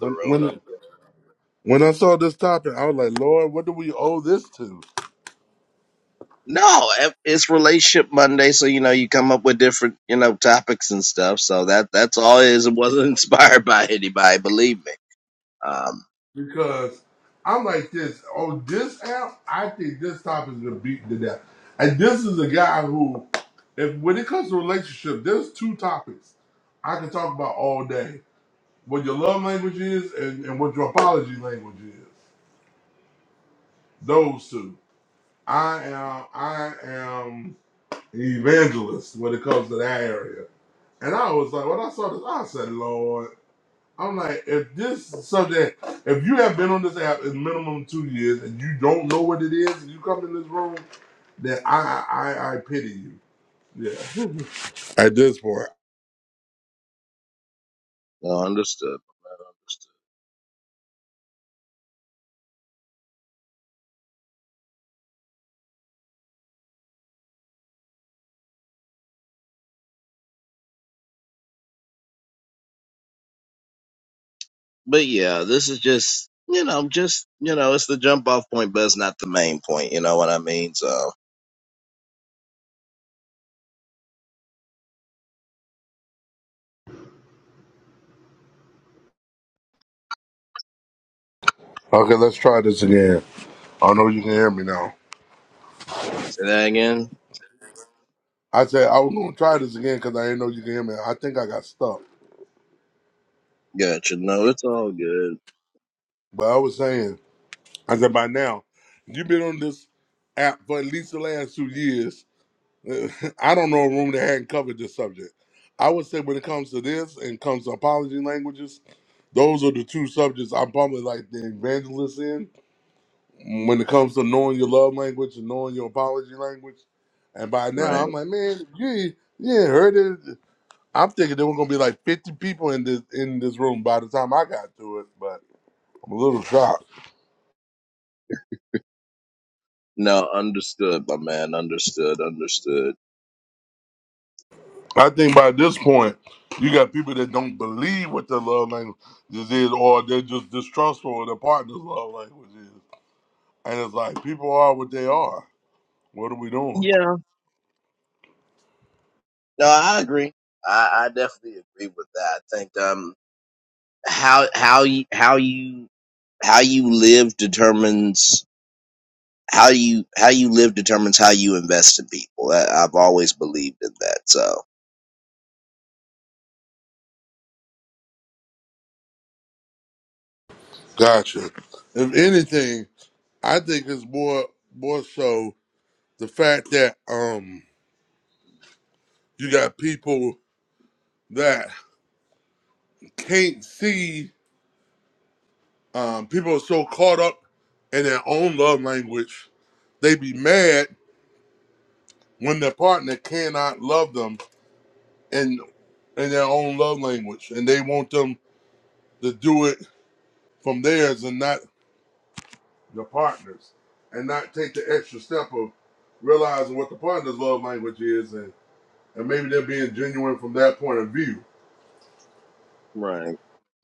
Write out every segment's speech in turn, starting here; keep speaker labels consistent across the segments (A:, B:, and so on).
A: When when when I saw this topic, I was like, Lord, what do we owe this to? Because I'm like this. On this app, I think this topic is been beaten to death. And this is a guy who, if when it comes to relationship, there's two topics I can talk about all day. What your love language is and, and what your apology language is. Those two. I am I am an evangelist when it comes to that area. And I was like, when I saw this, I said, Lord. I'm like, if this is something, if you have been on this app in minimum two years and you don't know what it is, and you come in this room, then I, I, I pity you. Yeah. At this point. Okay, let's try this again. I know you can hear me now. I said I was gonna try this again because I didn't know you can hear me. I think I got stuck, but I was saying, I said by now, you've been on this app for at least the last two years. I don't know a room that hadn't covered this subject. I would say when it comes to this and comes to apology languages, those are the two subjects I'm probably like the evangelist in. When it comes to knowing your love language and knowing your apology language, and by now I'm like, man, you you ain't heard it. I'm thinking there were gonna be like 50 people in this in this room by the time I got to it, but I'm a little shocked. I think by this point, you got people that don't believe what their love language is, or they're just distrustful of their partner's love language is. And it's like people are what they are. What are we doing? Gotcha. If anything, I think it's more more so the fact that um you got people that can't see um people are so caught up in their own love language, they be mad when their partner cannot love them and. in their own love language, and they want them to do it from theirs and not the partners, and not take the extra step of realizing what the partner's love language is, and, and maybe they're being genuine from that point of view.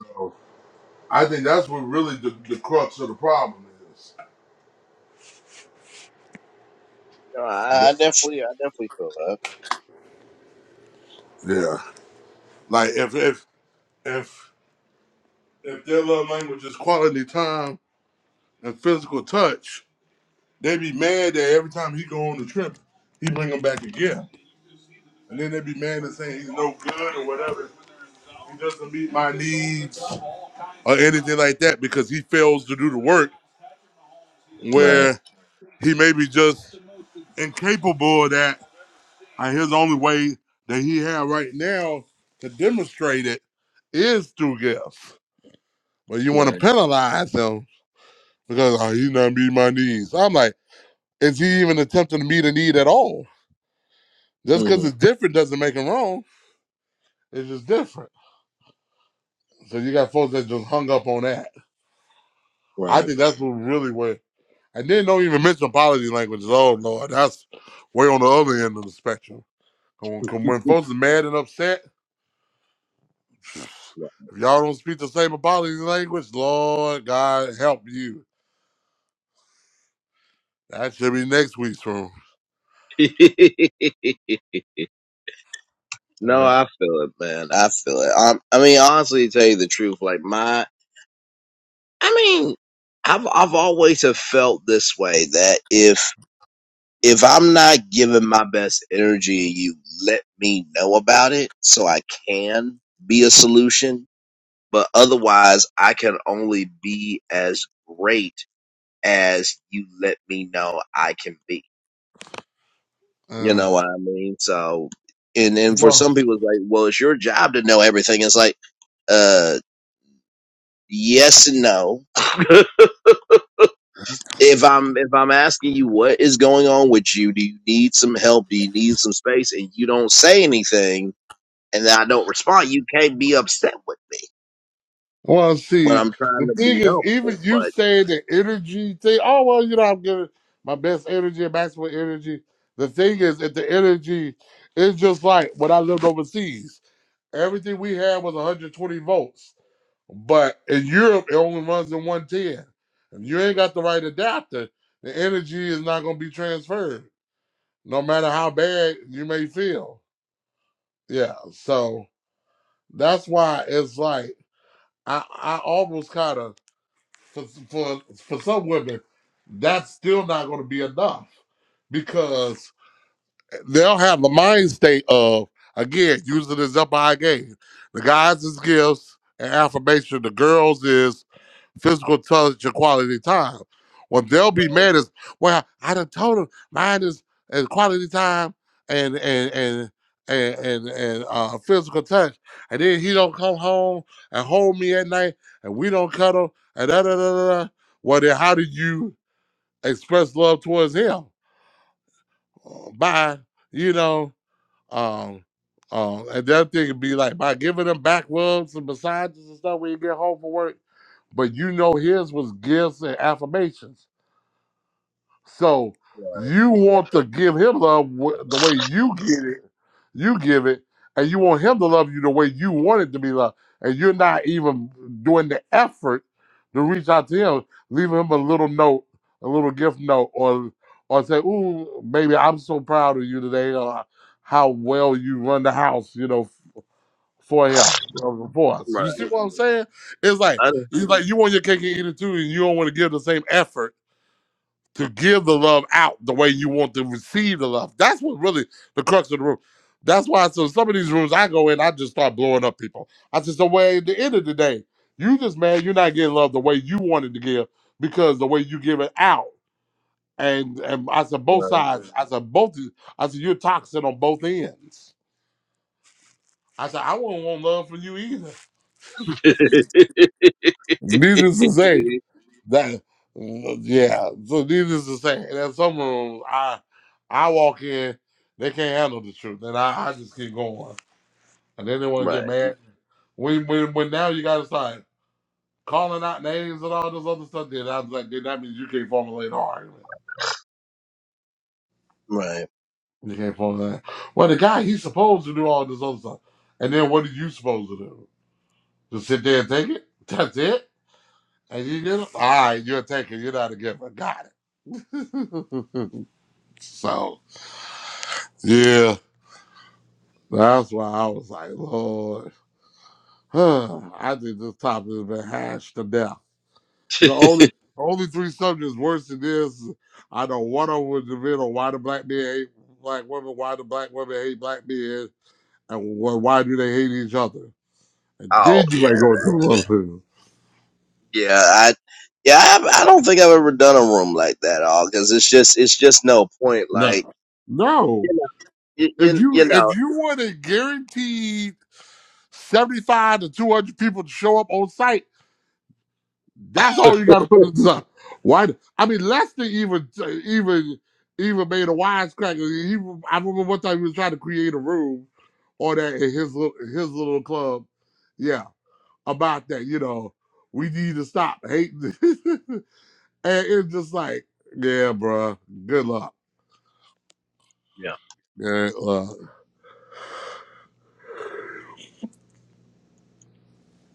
A: So I think that's what really the, the crux of the problem is. The- Yeah, like if if if if their love language is quality time and physical touch, they be mad that every time he go on the trip, he bring them back again. And then they be mad and saying he's no good or whatever. He doesn't meet my needs or anything like that because he fails to do the work where he may be just incapable of that. And his only way that he have right now to demonstrate it is through gifts. But you want to penalize him because oh, he's not meeting my needs. So I'm like, is he even attempting to meet a need at all? Just because it's different doesn't make him wrong. It's just different. So you got folks that just hung up on that I think that's what really where. And then don't even mention apology languages. Oh Lord, that's way on the other end of the spectrum. When, when folks are mad and upset, if y'all don't speak the same apology language, Lord God help you. That should be next week's room. Yeah. Uh, well, well, see, the thing is, even you say the energy thing. Oh well, you know, I'm giving my best energy, maximum energy. The thing is, if the energy is just like when I lived overseas. Everything we had was 120 volts. But in Europe, it only runs in 110. If you ain't got the right adapter, the energy is not going to be transferred, no matter how bad you may feel. Yeah. So that's why it's like, I, I almost kind of, for, for, for some women, that's still not going to be enough because they'll have the mind state of again using this up I game. The guys is gifts and affirmation. The girls is physical touch and quality time. What they'll be mad is well, I done told them mine is, is quality time and and and and and, and uh, physical touch, and then he don't come home and hold me at night, and we don't cuddle, and da da da da. da. Well, then how do you express love towards him? Uh, Bye, you know. Um, um, and the other thing would be like by giving them back rubs and massages and stuff when you get home from work. But you know his was gifts and affirmations. So you want to give him love wh- the way you get it, you give it, and you want him to love you the way you want it to be loved, and you're not even doing the effort to reach out to him, leaving him a little note, a little gift note, or or say, "Ooh, baby, I'm so proud of you today. Uh, how well you run the house, you know." For him, uh, for us, you see what I'm saying? It's like it's like you want your cake and eat it too, and you don't want to give the same effort to give the love out the way you want to receive the love. That's what really the crux of the room. That's why so some of these rooms I go in, I just start blowing up people. I just the way at the end of the day, you just man, you're not getting love the way you wanted to give because the way you give it out. And and I said both sides. I said both. I said you're toxic on both ends. I said I wouldn't want love from you either. Needless to say. That yeah. So needless to say, in some rooms, I I walk in, they can't handle the truth, and I, I just keep going, and then they want to get mad. When when when now you got to start calling out names and all this other stuff. Then I was like, then that means you can't formulate an argument. You can't formulate. Well, the guy he's supposed to do all this other stuff, and then what are you supposed to do? Just sit there and take it. That's it. And you get it. All right, you're taking. You're not a giver. Got it. so yeah. That's why I was like, Lord, I think this topic has been hashed to death. The only only three subjects worse than this, I know one of them was the middle, why the black men hate black women, why the black women hate black men, and wh- why do they hate each other? And did you make go to those things? No. No. If you if you wanted guaranteed 75 to 200 people to show up on site, That's all you got to put in the design. Why? the- I mean, Lester even even even made a wisecrack. He, I remember one time he was trying to create a room on that in his little his little club. Yeah, about that. You know, we need to stop hating. and it's just like, yeah, bruh, Good luck. Yeah, uh,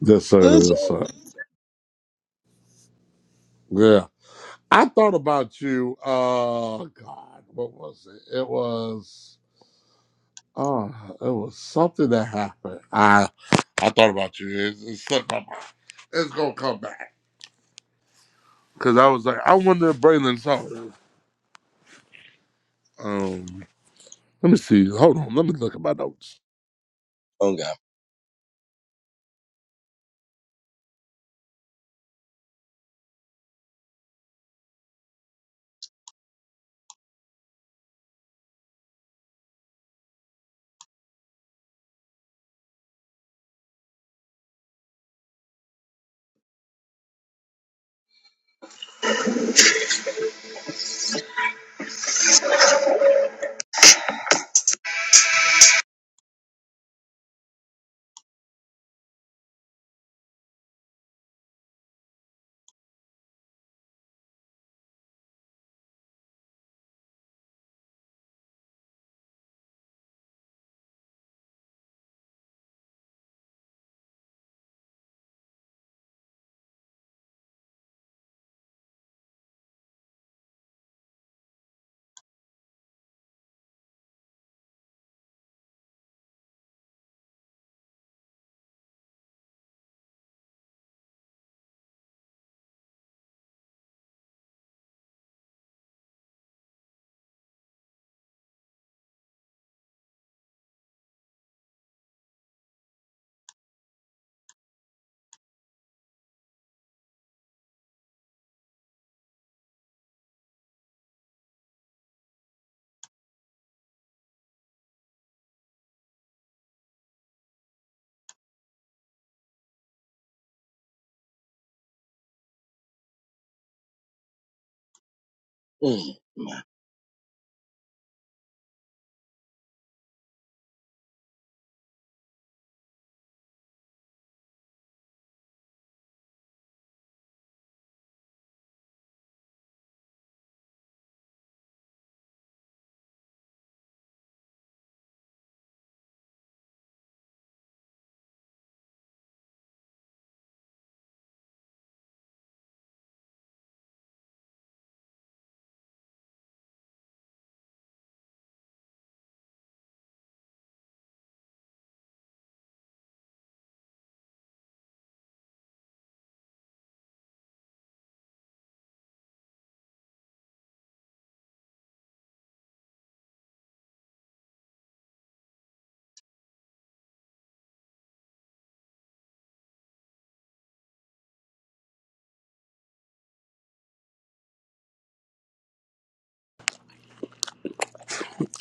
A: yes, sir. Yes, sir. Yeah. I thought about you. Uh, God, what was it? It was. Oh, it was something that happened. I I thought about you. It, it slipped my mind. It's gonna come back. Cause I was like, I wonder if Braylon saw it. Um, let me see. Hold on. Let me look at my notes.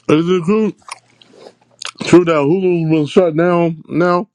A: Is it true, true that Hulu's been shut down now?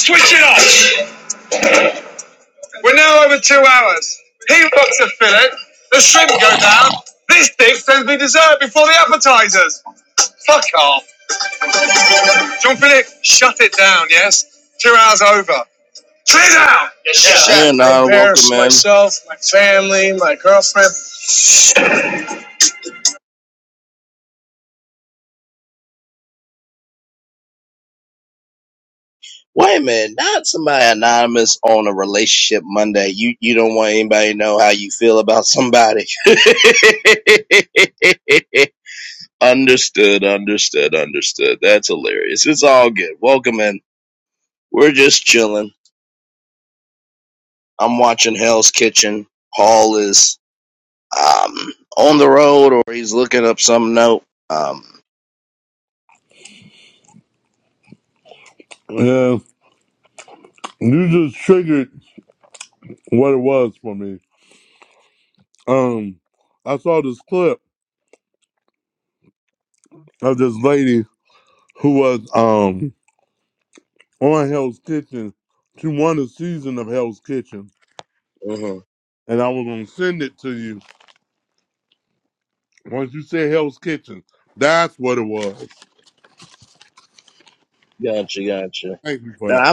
B: Switch it off. We're now over two hours. He looks a fillet. The shrimp go down. This dick sends me dessert before the appetizers. Fuck off. John Philip, shut it down, yes? Two hours over. Clear down! Yes, sir. I embarrassed myself, my family, my girlfriend.
A: Yeah, you just triggered what it was for me. Um, I saw this clip of this lady who was um on Hell's Kitchen. She won a season of Hell's Kitchen, and I was gonna send it to you. Once you said Hell's Kitchen, that's what it was. Thank you for that.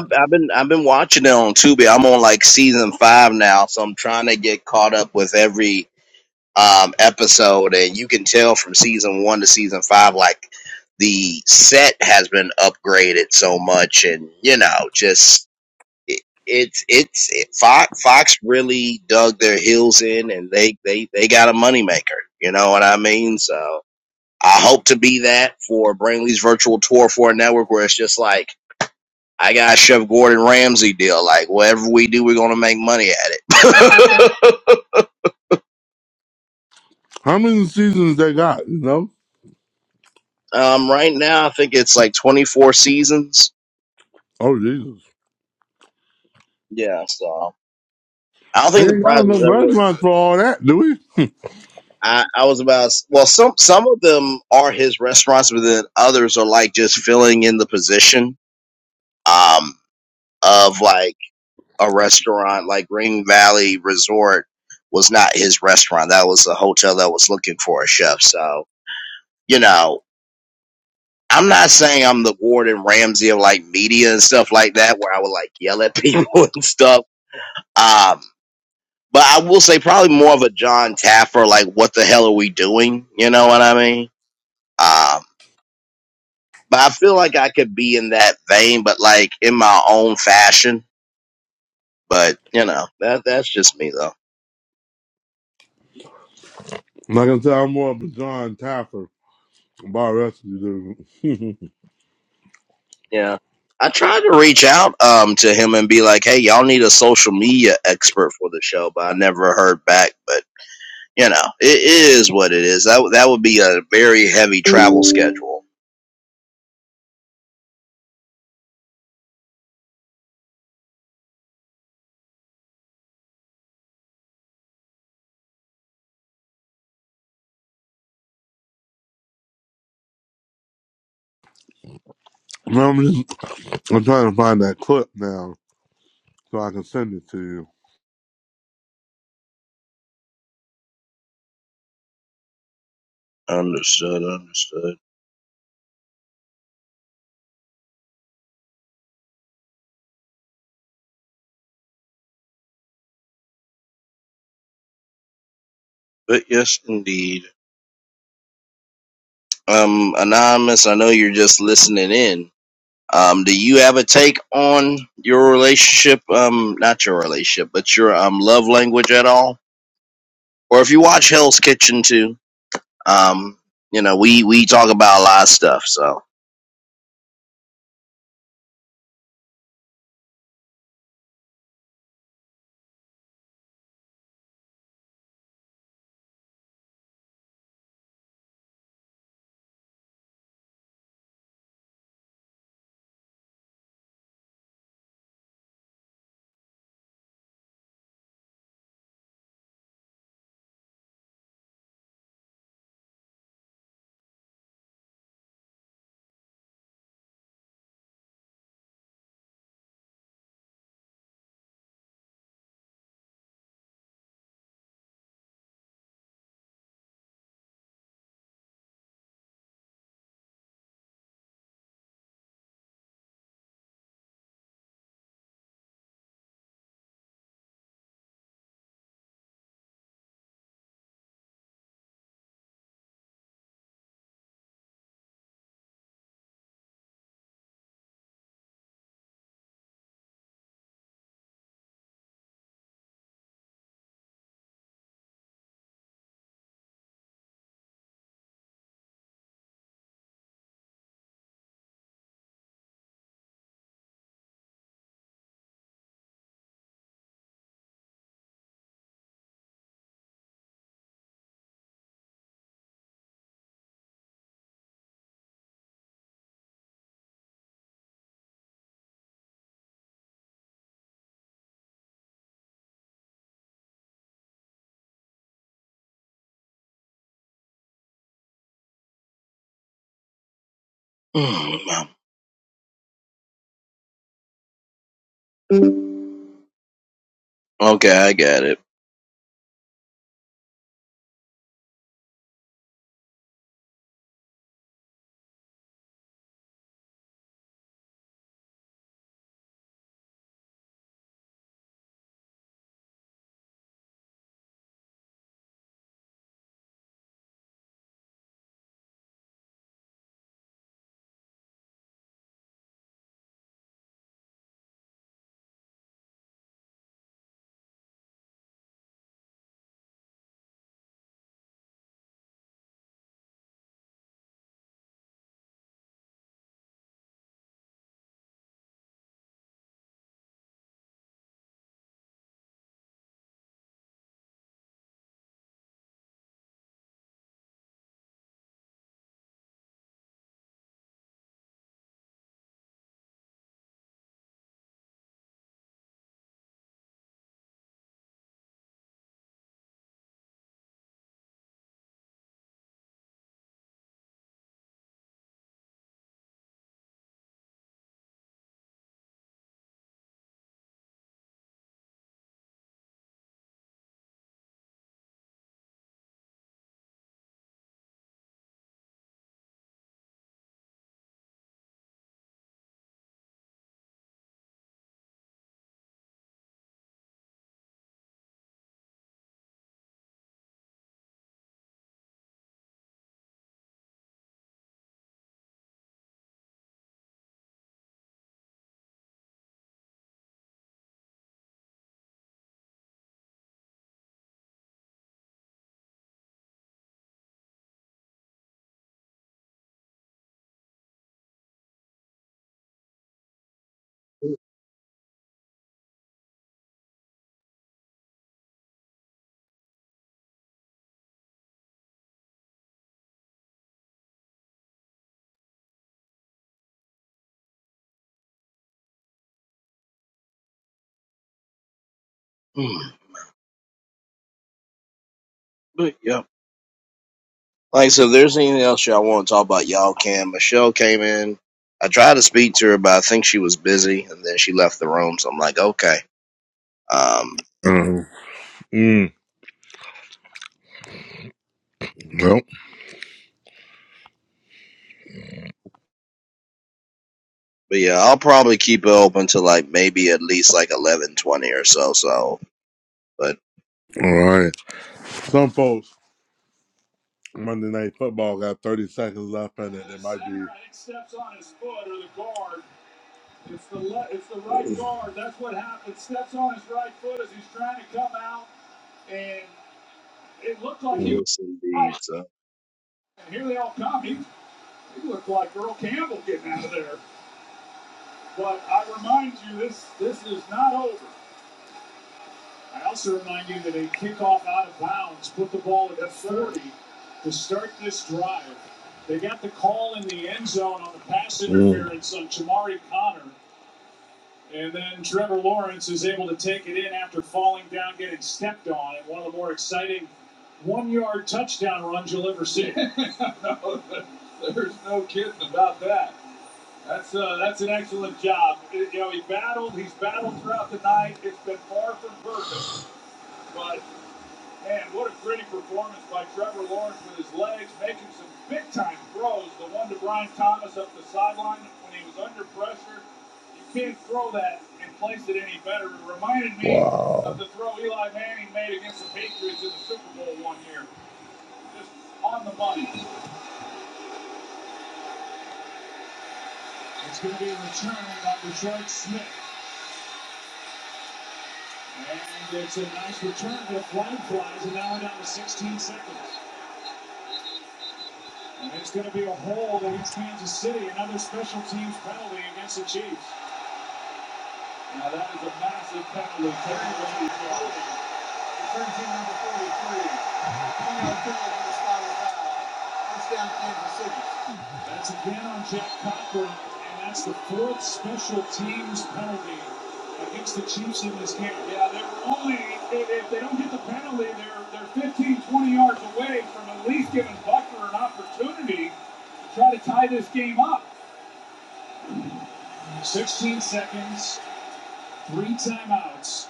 A: How many seasons they got, you know? Oh, Jesus. They ain't got enough restaurants for all that, do we? Like I said, I'm more of a John Taffer bar recipe dude. Now I'm just, I'm trying to find that clip now so I can send it to you. Uh, mm, well, all right. Some folks, Monday Night Football got 30 seconds left in it. It might be. It's the le- it's the right guard. That's what happened. Steps on his right foot as he's trying to come out, and it looked like he was right. And here they all come. He, he looked like Earl Campbell getting out of there. But I remind you, this this is not over. I also remind you that a kickoff out of bounds put the ball at the 40 to start this drive. They got the call in the end zone on the pass Mm. interference mm. on Jamari Connor. And then Trevor Lawrence is able to take it in after falling down, getting stepped on, and one of the more exciting one-yard touchdown runs you'll ever see. No, there's no kidding about that. That's uh, that's an excellent job. You know, he battled. He's battled throughout the night. It's been far from perfect, but Man, what a gritty performance by Trevor Lawrence with his legs, making some big time throws. The one to Brian Thomas up the sideline when he was under pressure. You can't throw that and place it any better. It reminded me wow. of Wow. the throw Eli Manning made against the Patriots in the Super Bowl one year. Just on the money. It's going to be a return by Detroit Smith. And it's a nice return, but a flag flies, and now we're down to 16 seconds. And it's going to be a hold against Kansas City. Another special teams penalty against the Chiefs. Now that is a massive penalty. Taken away number 43. That's again on Jack Cochran, and that's the fourth special teams penalty against the Chiefs in this game. Yeah, they're only, if, they don't get the penalty, they're, they're fifteen, twenty yards away from at least giving Buckner an opportunity to try to tie this game up. 16 seconds, three timeouts,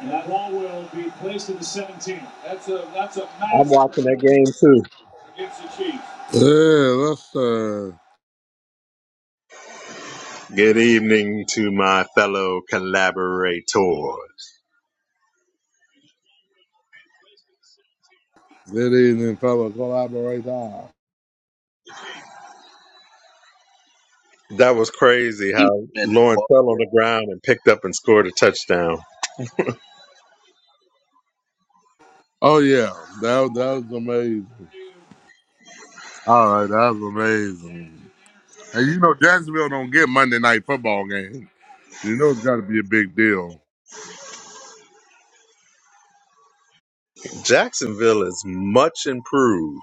A: and that ball will be placed at the 17. That's a, that's a
C: I'm
A: massive
C: watching that
A: penalty.
C: game too.
A: against the Chiefs. Yeah, that's uh,
C: Good evening to my fellow collaborator.
A: good evening, fellow collaborator.
C: That was crazy how Lauren fell on the ground and picked up and scored a touchdown.
A: Oh yeah, that that was amazing. All right, that was amazing. And you know, Jacksonville don't get Monday night football games. You know, it's got to be a big deal.
C: Jacksonville is much improved.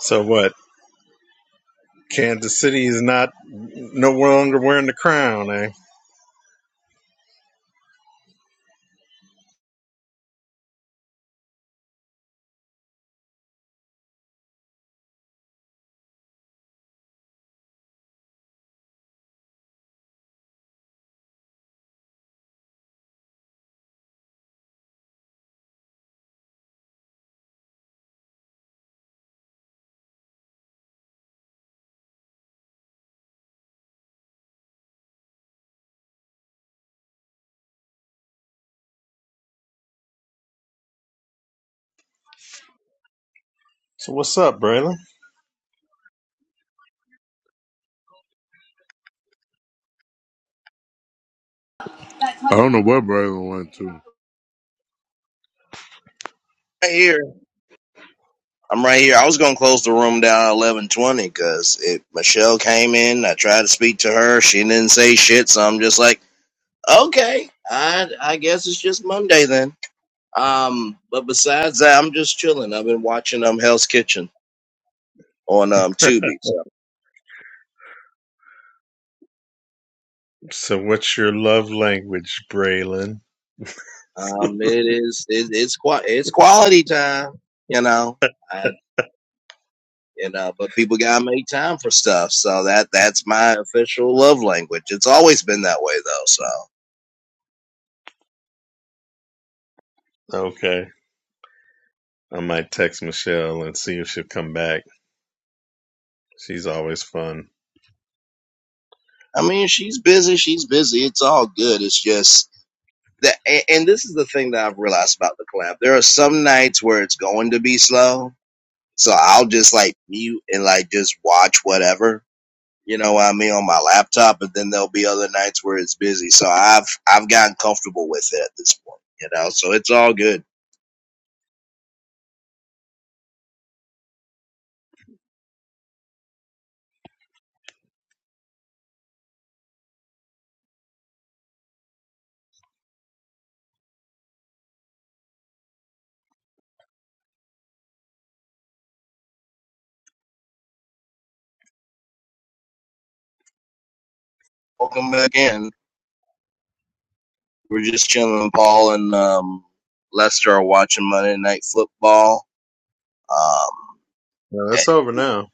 C: So what? Kansas City is not no longer wearing the crown, eh? So what's up, Braylon?
A: I don't know where Braylon went to.
C: So what's your love language, Braylon? Okay. I might text Michelle and see if she'll come back. She's always fun. No, that's over now.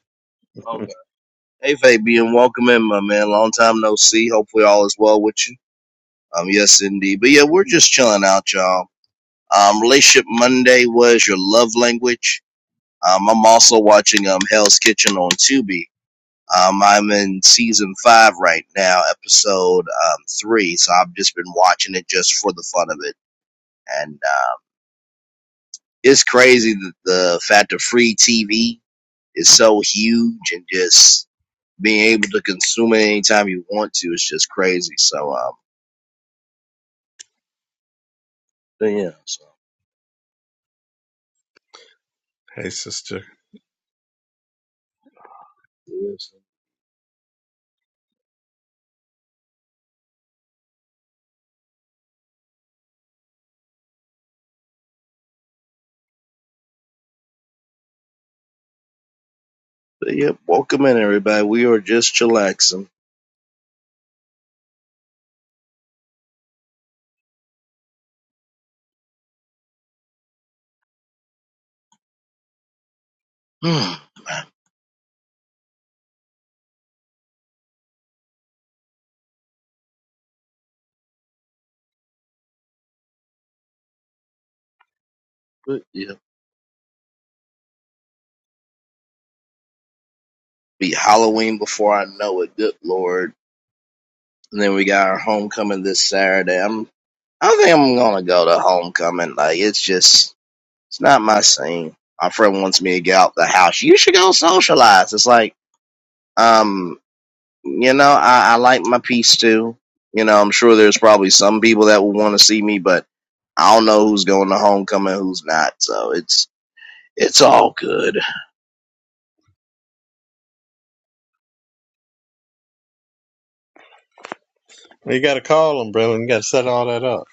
C: Hey sister. You got to call them, Braylon. You got to set all that up.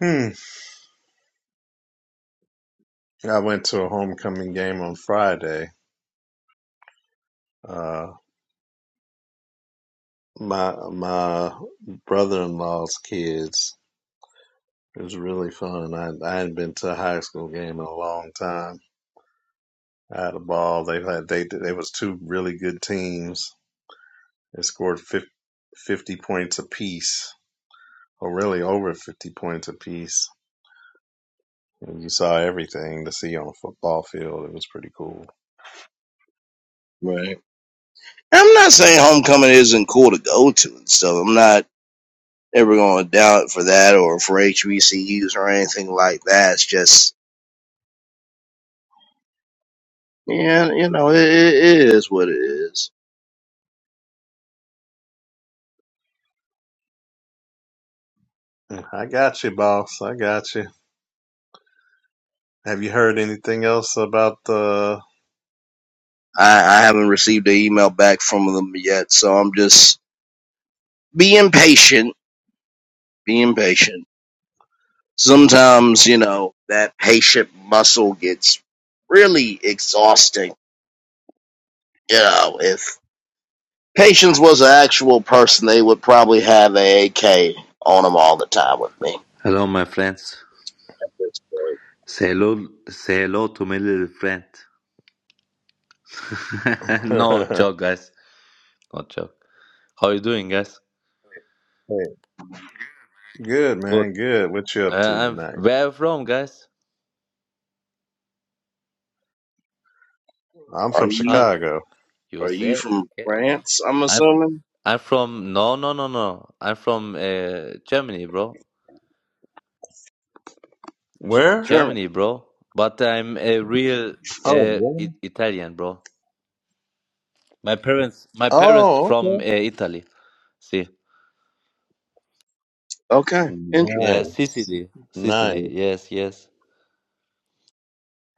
C: Hmm. I went to a homecoming game on Friday. Uh, my my brother-in-law's kids. It was really fun. I I hadn't been to a high school game in a long time. I had a ball. They had they they was two really good teams. They scored 50, 50 points apiece, or really over fifty points apiece. And you saw everything to see on a football field. It was pretty cool. I got you, boss. I got you. Have you heard anything else about the?
D: Hello, my friends. Say hello, say hello to my little friend. no
C: hey,
D: joke, guys. No joke. How you doing, guys?
C: good
D: Good.
C: man, good. What you
D: Uh,
C: up to
D: I'm
C: tonight?
D: where you from, guys?
C: I'm from
D: Ah,
C: Chicago.
D: USA. Okay, okay. I'm I'm from no, no, no, no. I'm from uh, Germany, bro. G-
C: Where?
D: Germany, bro. But I'm a real
C: Oh,
D: uh,
C: really?
D: I- Italian, bro. My parents, my parents
C: oh, okay.
D: from uh, Italy. See,
C: Nice,
D: yeah, Sicily,
C: nice.
D: Sicily. Yes, yes.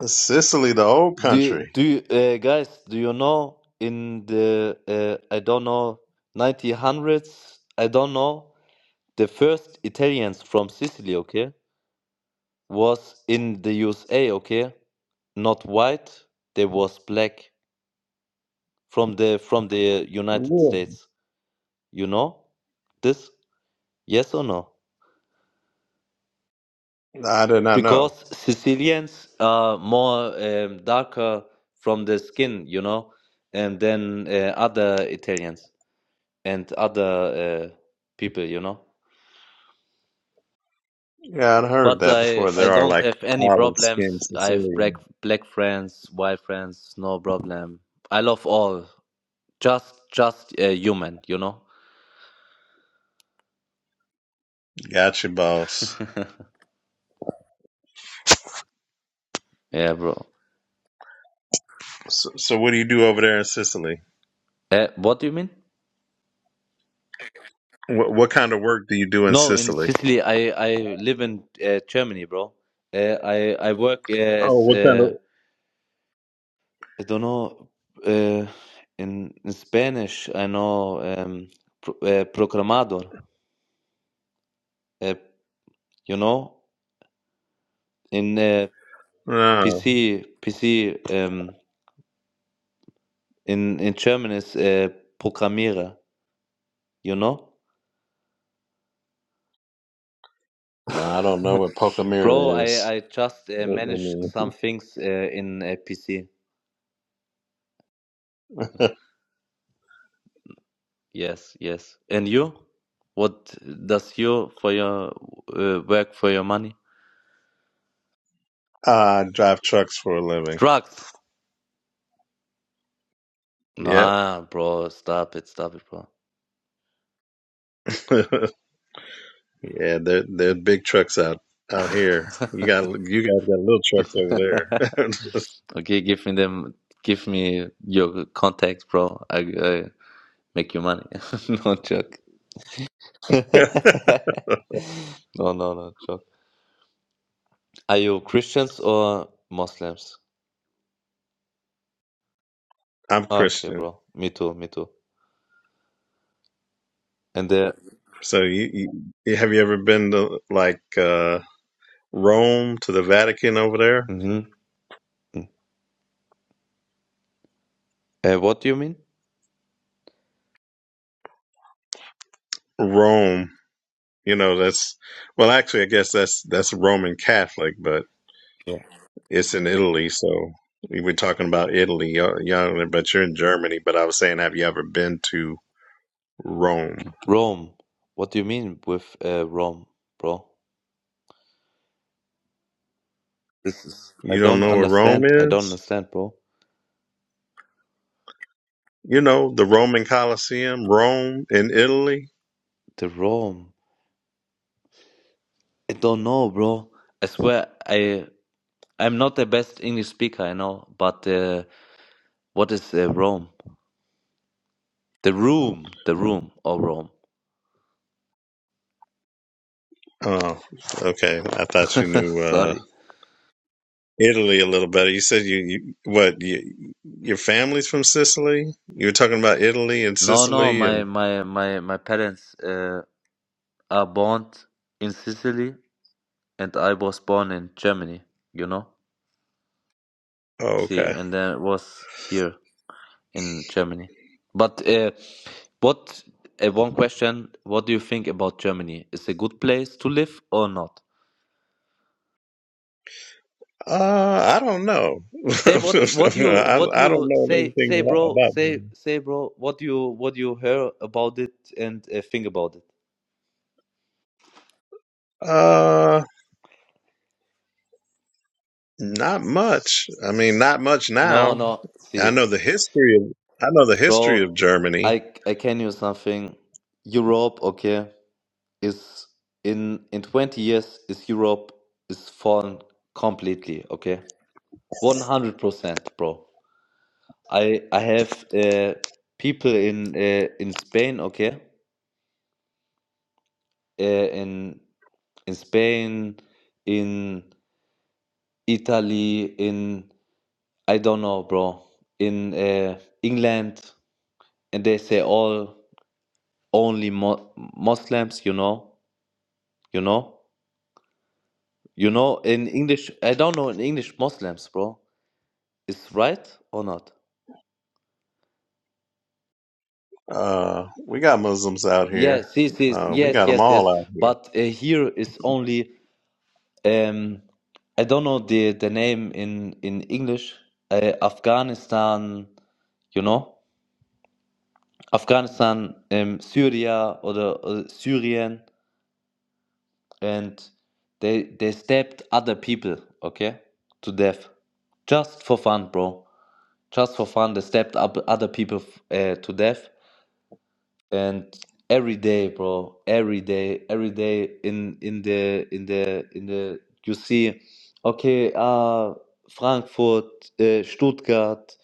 C: Sicily, the old
D: Do
C: country.
D: do you- uh, guys, do you know in the uh, I don't know 1900s, I don't know, the first Italians from Sicily, okay, was in the USA, okay? Not white, they was black from the from the United
C: Yeah.
D: States. You know this? Yes or no?
C: I did not
D: Because
C: know.
D: Sicilians are more um, darker from the skin, you know, and then uh, other Italians. and other uh, people, you know.
C: Yeah, I'd heard
D: But
C: that
D: I
C: before.
D: I
C: There are
D: don't
C: like
D: have any
C: olive skinned
D: problems. I have black
C: Sicilian.
D: black friends, white friends, no problem. I love all. Just just a human, you know.
C: Gotcha, boss.
D: Yeah, bro.
C: So, so what do you do over there in Sicily?
D: Uh, what do you mean?
C: What, what kind of work do you do in
D: No, in
C: Sicily?
D: Sicily, I I live in uh, Germany, bro. Uh, I I work
C: Oh,
D: as
C: what kind of?
D: uh, I don't know uh, in, in Spanish. I know um, pro, uh, programador. Uh, you know, in uh,
C: No,
D: PC, PC um, in in German is uh, Programmierer, you know?
C: no, I don't know what
D: Bro,
C: Pocamira
D: I
C: is.
D: I just uh,
C: Let
D: manage
C: me-
D: some things uh, in uh, PC. Yes, yes. And you? What does you for your uh, work for your money?
C: Ah, I drive trucks for a living.
D: Drugs.
C: Yep.
D: Nah, bro, stop it, stop it, bro.
C: yeah, they're they're big trucks out out here. You got you guys got little trucks over
D: okay, give me them, give me your contacts, bro. I, I make you money. no joke. no,
C: there.
D: no, no joke. Are you Christians or Muslims?
C: I'm
D: Okay,
C: Christian,
D: bro. Me too, me too. And uh,
C: so you, you you- have you ever been to like uh, Rome to the Vatican over there?
D: mhm. uh what do you mean?
C: Rome, you know that's well, actually, I guess that's that's Roman Catholic, but
D: Yeah.
C: it's in Italy, so. We were talking about Italy, y'all, y'all, but you're in Germany. But I was saying, have you ever been to Rome?
D: Rome. What do you mean with uh, Rome, bro? This is I
C: You don't
D: don't
C: know what Rome
D: understand. I don't
C: is?
D: understand, bro.
C: You know, the Roman Colosseum, Rome in Italy?
D: The Rome. I don't know, bro. I swear I I'm not the best English speaker, I know, but uh, what is uh, Rome? The room, the room or Rome.
C: Oh, okay. I thought you knew uh,
D: Sorry.
C: Italy a little better. You said you, you what, you, your family's from Sicily? You were talking about Italy and
D: No, no,
C: Sicily
D: my
C: and.
D: my my my parents. Uh. are born in Sicily, and I was born in Germany, you know?
C: Oh,
D: See,
C: okay.
D: and then it was here in Germany. But uh, what, uh, one question, what do you think about Germany? Is it a good place to live or not?
C: Uh, I don't know.
D: Say what, what you,
C: I,
D: what
C: I don't
D: you
C: know
D: say,
C: anything a
D: say,
C: lot
D: bro,
C: about
D: say,
C: them.
D: say, bro, what you, what you hear about it and uh, think about it.
C: Uh, not much. I mean, not much
D: No,
C: now.
D: no,
C: I
D: see,
C: know the history of I know the history
D: bro,
C: of Germany,
D: I, I can use something. Europe, okay. is in in 20 years is Europe is fallen completely, okay? 100%, bro. I I have uh, people in uh, in Spain, okay? Uh, in in Spain, in Italy, in I don't know, bro. In uh, England, and they say all only mo Muslims, you know, you know, you know. In English, I don't know in English Muslims, bro. is right or not?
C: Uh, we got Muslims out here.
D: Yes, yes, yes,
C: Uh, we
D: yes,
C: got them
D: yes,
C: all
D: yes.
C: out here.
D: But uh, here is only um, I don't know the the name in in English. Uh, Afghanistan, you know, Afghanistan, um, Syria or the or Syrian, and they they stabbed other people, okay, to death, just for fun, bro. Just for fun, they stabbed up other people uh, to death and every day bro every day every day in in the in the in the you see okay uh Frankfurt uh, Stuttgart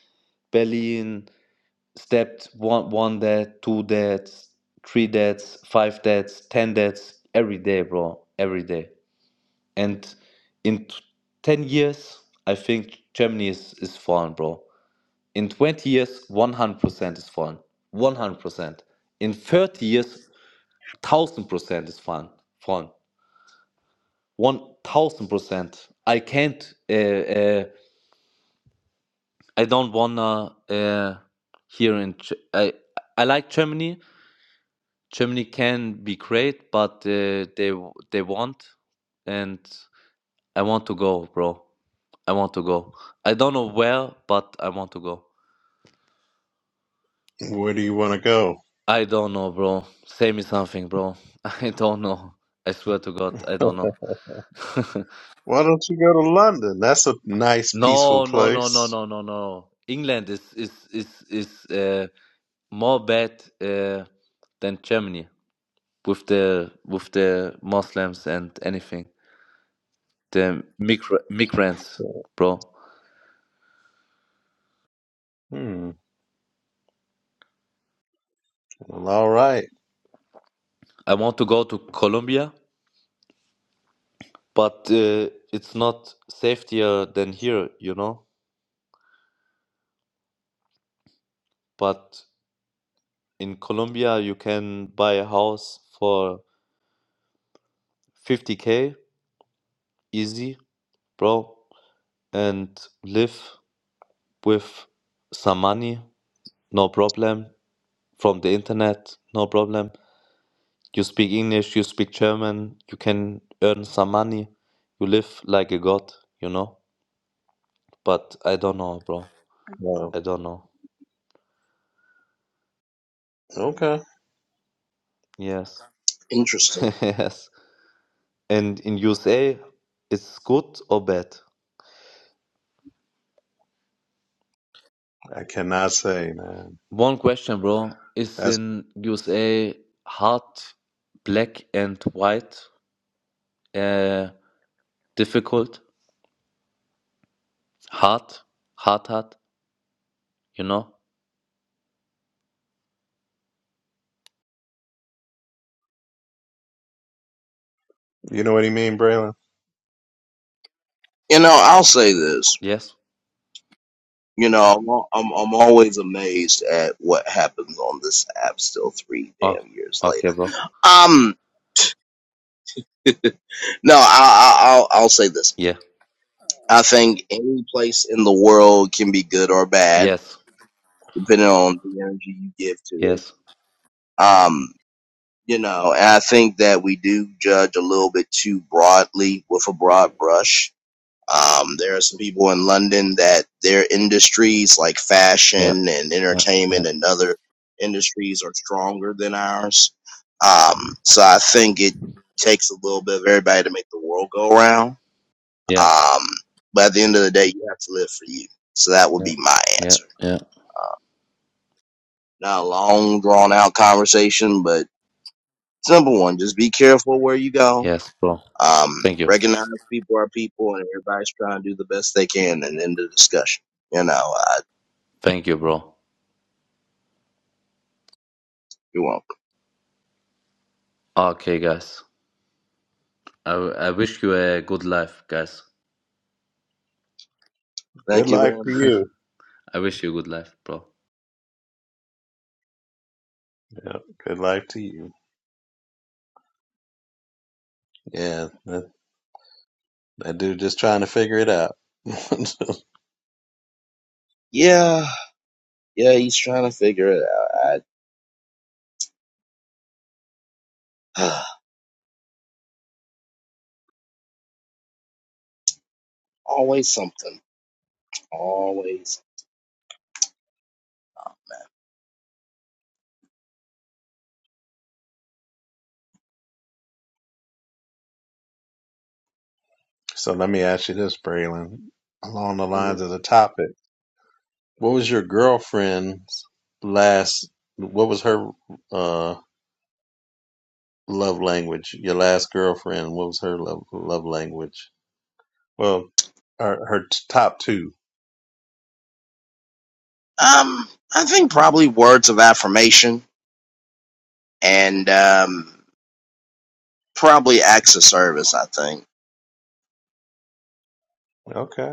D: Berlin stepped one one dead two deaths three deaths five deaths ten deaths every day bro every day and in t- 10 years I think Germany is is fallen bro in 20 years 100% is fallen 100% in 30 years thousand percent is fun fun one thousand percent i can't uh, uh, i don't wanna uh, here in Ge- I, I like germany germany can be great but uh, they they want and i want to go bro i want to go i don't know where but i want to go
C: Where do you want to go?
D: i don't know bro say me something bro i don't know i swear to god i don't know
C: Why don't you go to London? That's a nice, peaceful
D: No, no, no, no,
C: place.
D: no, no, no. England is is is is uh, more bad uh, than Germany with the with the Muslims and anything. The migra migrants, bro.
C: Hmm. Well, all right.
D: I want to go to Colombia, but uh, it's not safer than here, you know. But in Colombia, you can buy a house for 50k easy, bro, and live with some money no problem. From the internet, no problem. You speak English, you speak German, you can earn some money. You live like a god, you know? But I don't know, bro.
C: Well,
D: I don't know.
C: okay.
D: Yes. Yes. And in USA, it's good or bad?
C: I cannot say, man.
D: One question, bro. Is
C: That's
D: in USA hard, black and white, uh, difficult, hard, hard, hard, you know?
C: you know what he mean, Braylon.
D: Yes. Oh, okay, bro. Yeah. Yes. Yes. Yeah. Yeah. Yeah. Yeah. Yeah. Yeah. Yeah. Yes, bro. Thank you. Thank you, bro. Okay, guys. I, I wish you a good life, guys.
C: Good life to you.
D: I wish you good life, bro.
C: Yep. Good life to you. Yeah. That, that dude just trying to figure it out. so let me ask you this, Braylon. Along the lines of the topic. What was your girlfriend's last? What was her uh, love language? Your last girlfriend. What was her love love language? Well, her her t- top two. Okay,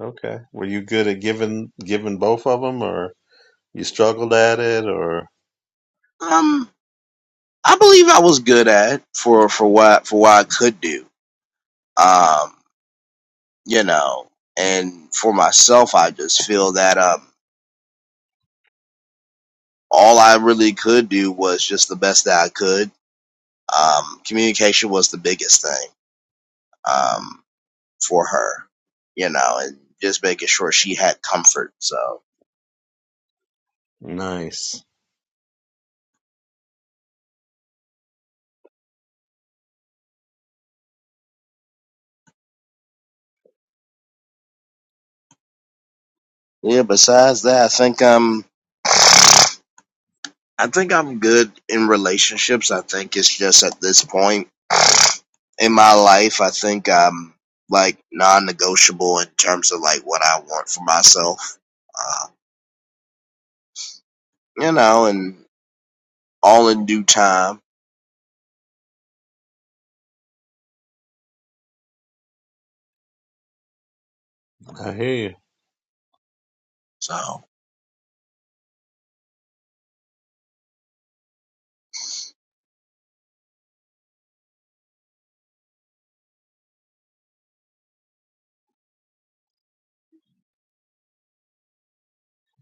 C: okay. Were you good at giving giving both of them, or you struggled at it, or nice? I hear you. I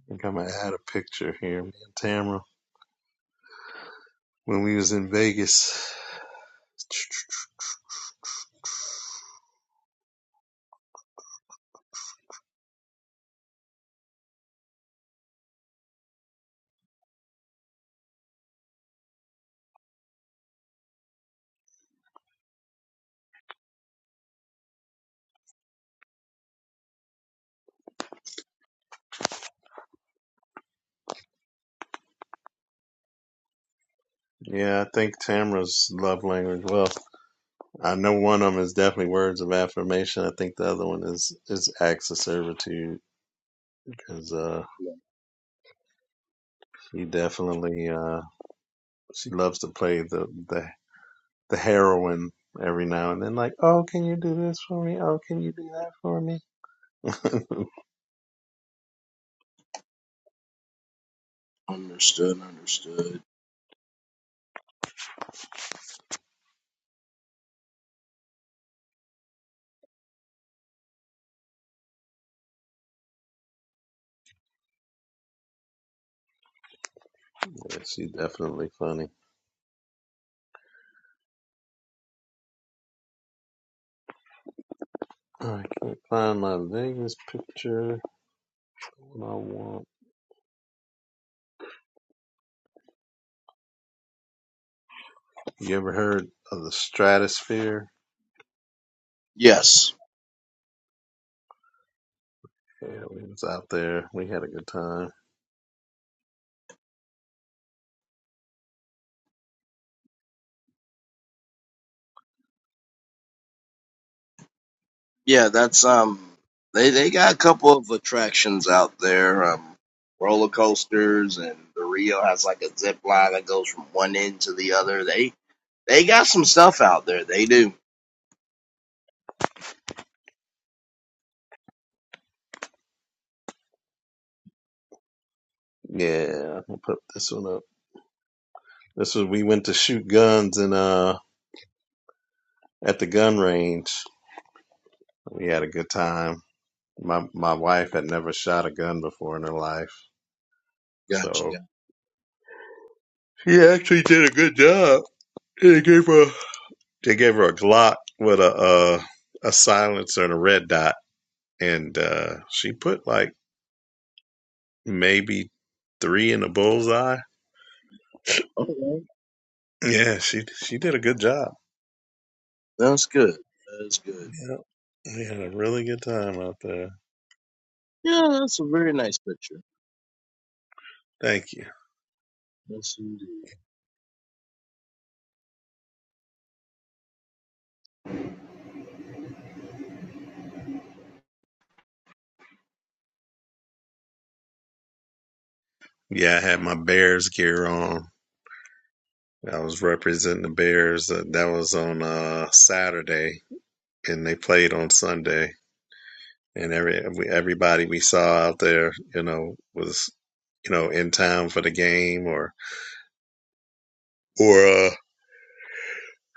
C: think I'm gonna add a picture here, me and Tamara, when we was in Vegas. Yeah, I think Tamara's love language. Well. I know one of them is definitely words of affirmation. I think the other one is is acts of servitude because uh, she definitely uh, she loves to play the the the heroine every now and then. Like, oh, can you do this for me? Oh, can you do that for me? yeah, she's definitely funny. I can't find my Vegas picture. What I want. You ever heard of the Stratosphere? Yeah, we was out there. We had a good time. Yeah, I'm gonna put this one up. This was we went to shoot guns and uh at the gun range. We had a good time. My my wife had never shot a gun before in her life, so she actually did a good job. They gave her they gave her a Glock with a uh, a silencer and a red dot, and uh, she put like maybe three in the bullseye. Yeah, she she did a good job. Yeah, we had a really good time out there. Thank you. Yeah, I had my Bears gear on. I was representing the Bears. Uh, that was on uh, Saturday, and they played on Sunday. And every everybody we saw out there, you know, was you know in town for the game or or uh,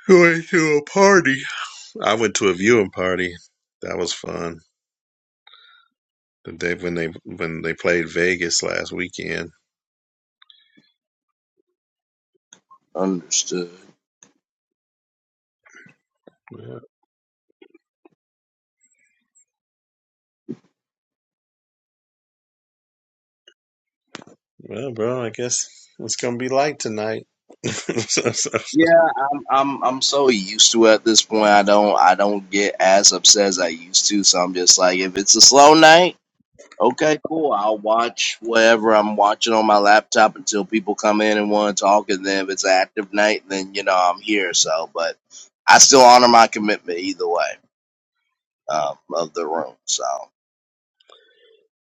C: going to a party. I went to a viewing party. That was fun. The day when they when they played Vegas last weekend. Yeah. Well, bro, I guess it's gonna be light tonight.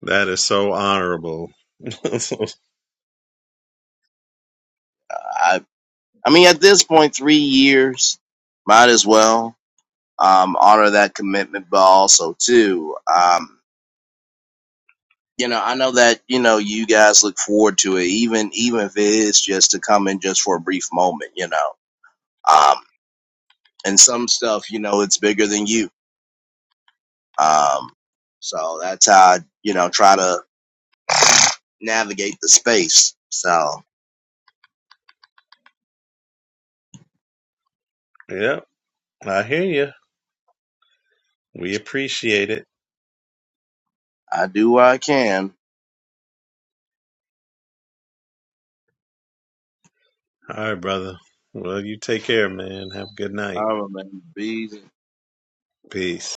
C: That is so honorable. So, yep, I hear you. We appreciate it. All right, brother. Well, you take care, man. Have a good night. Peace.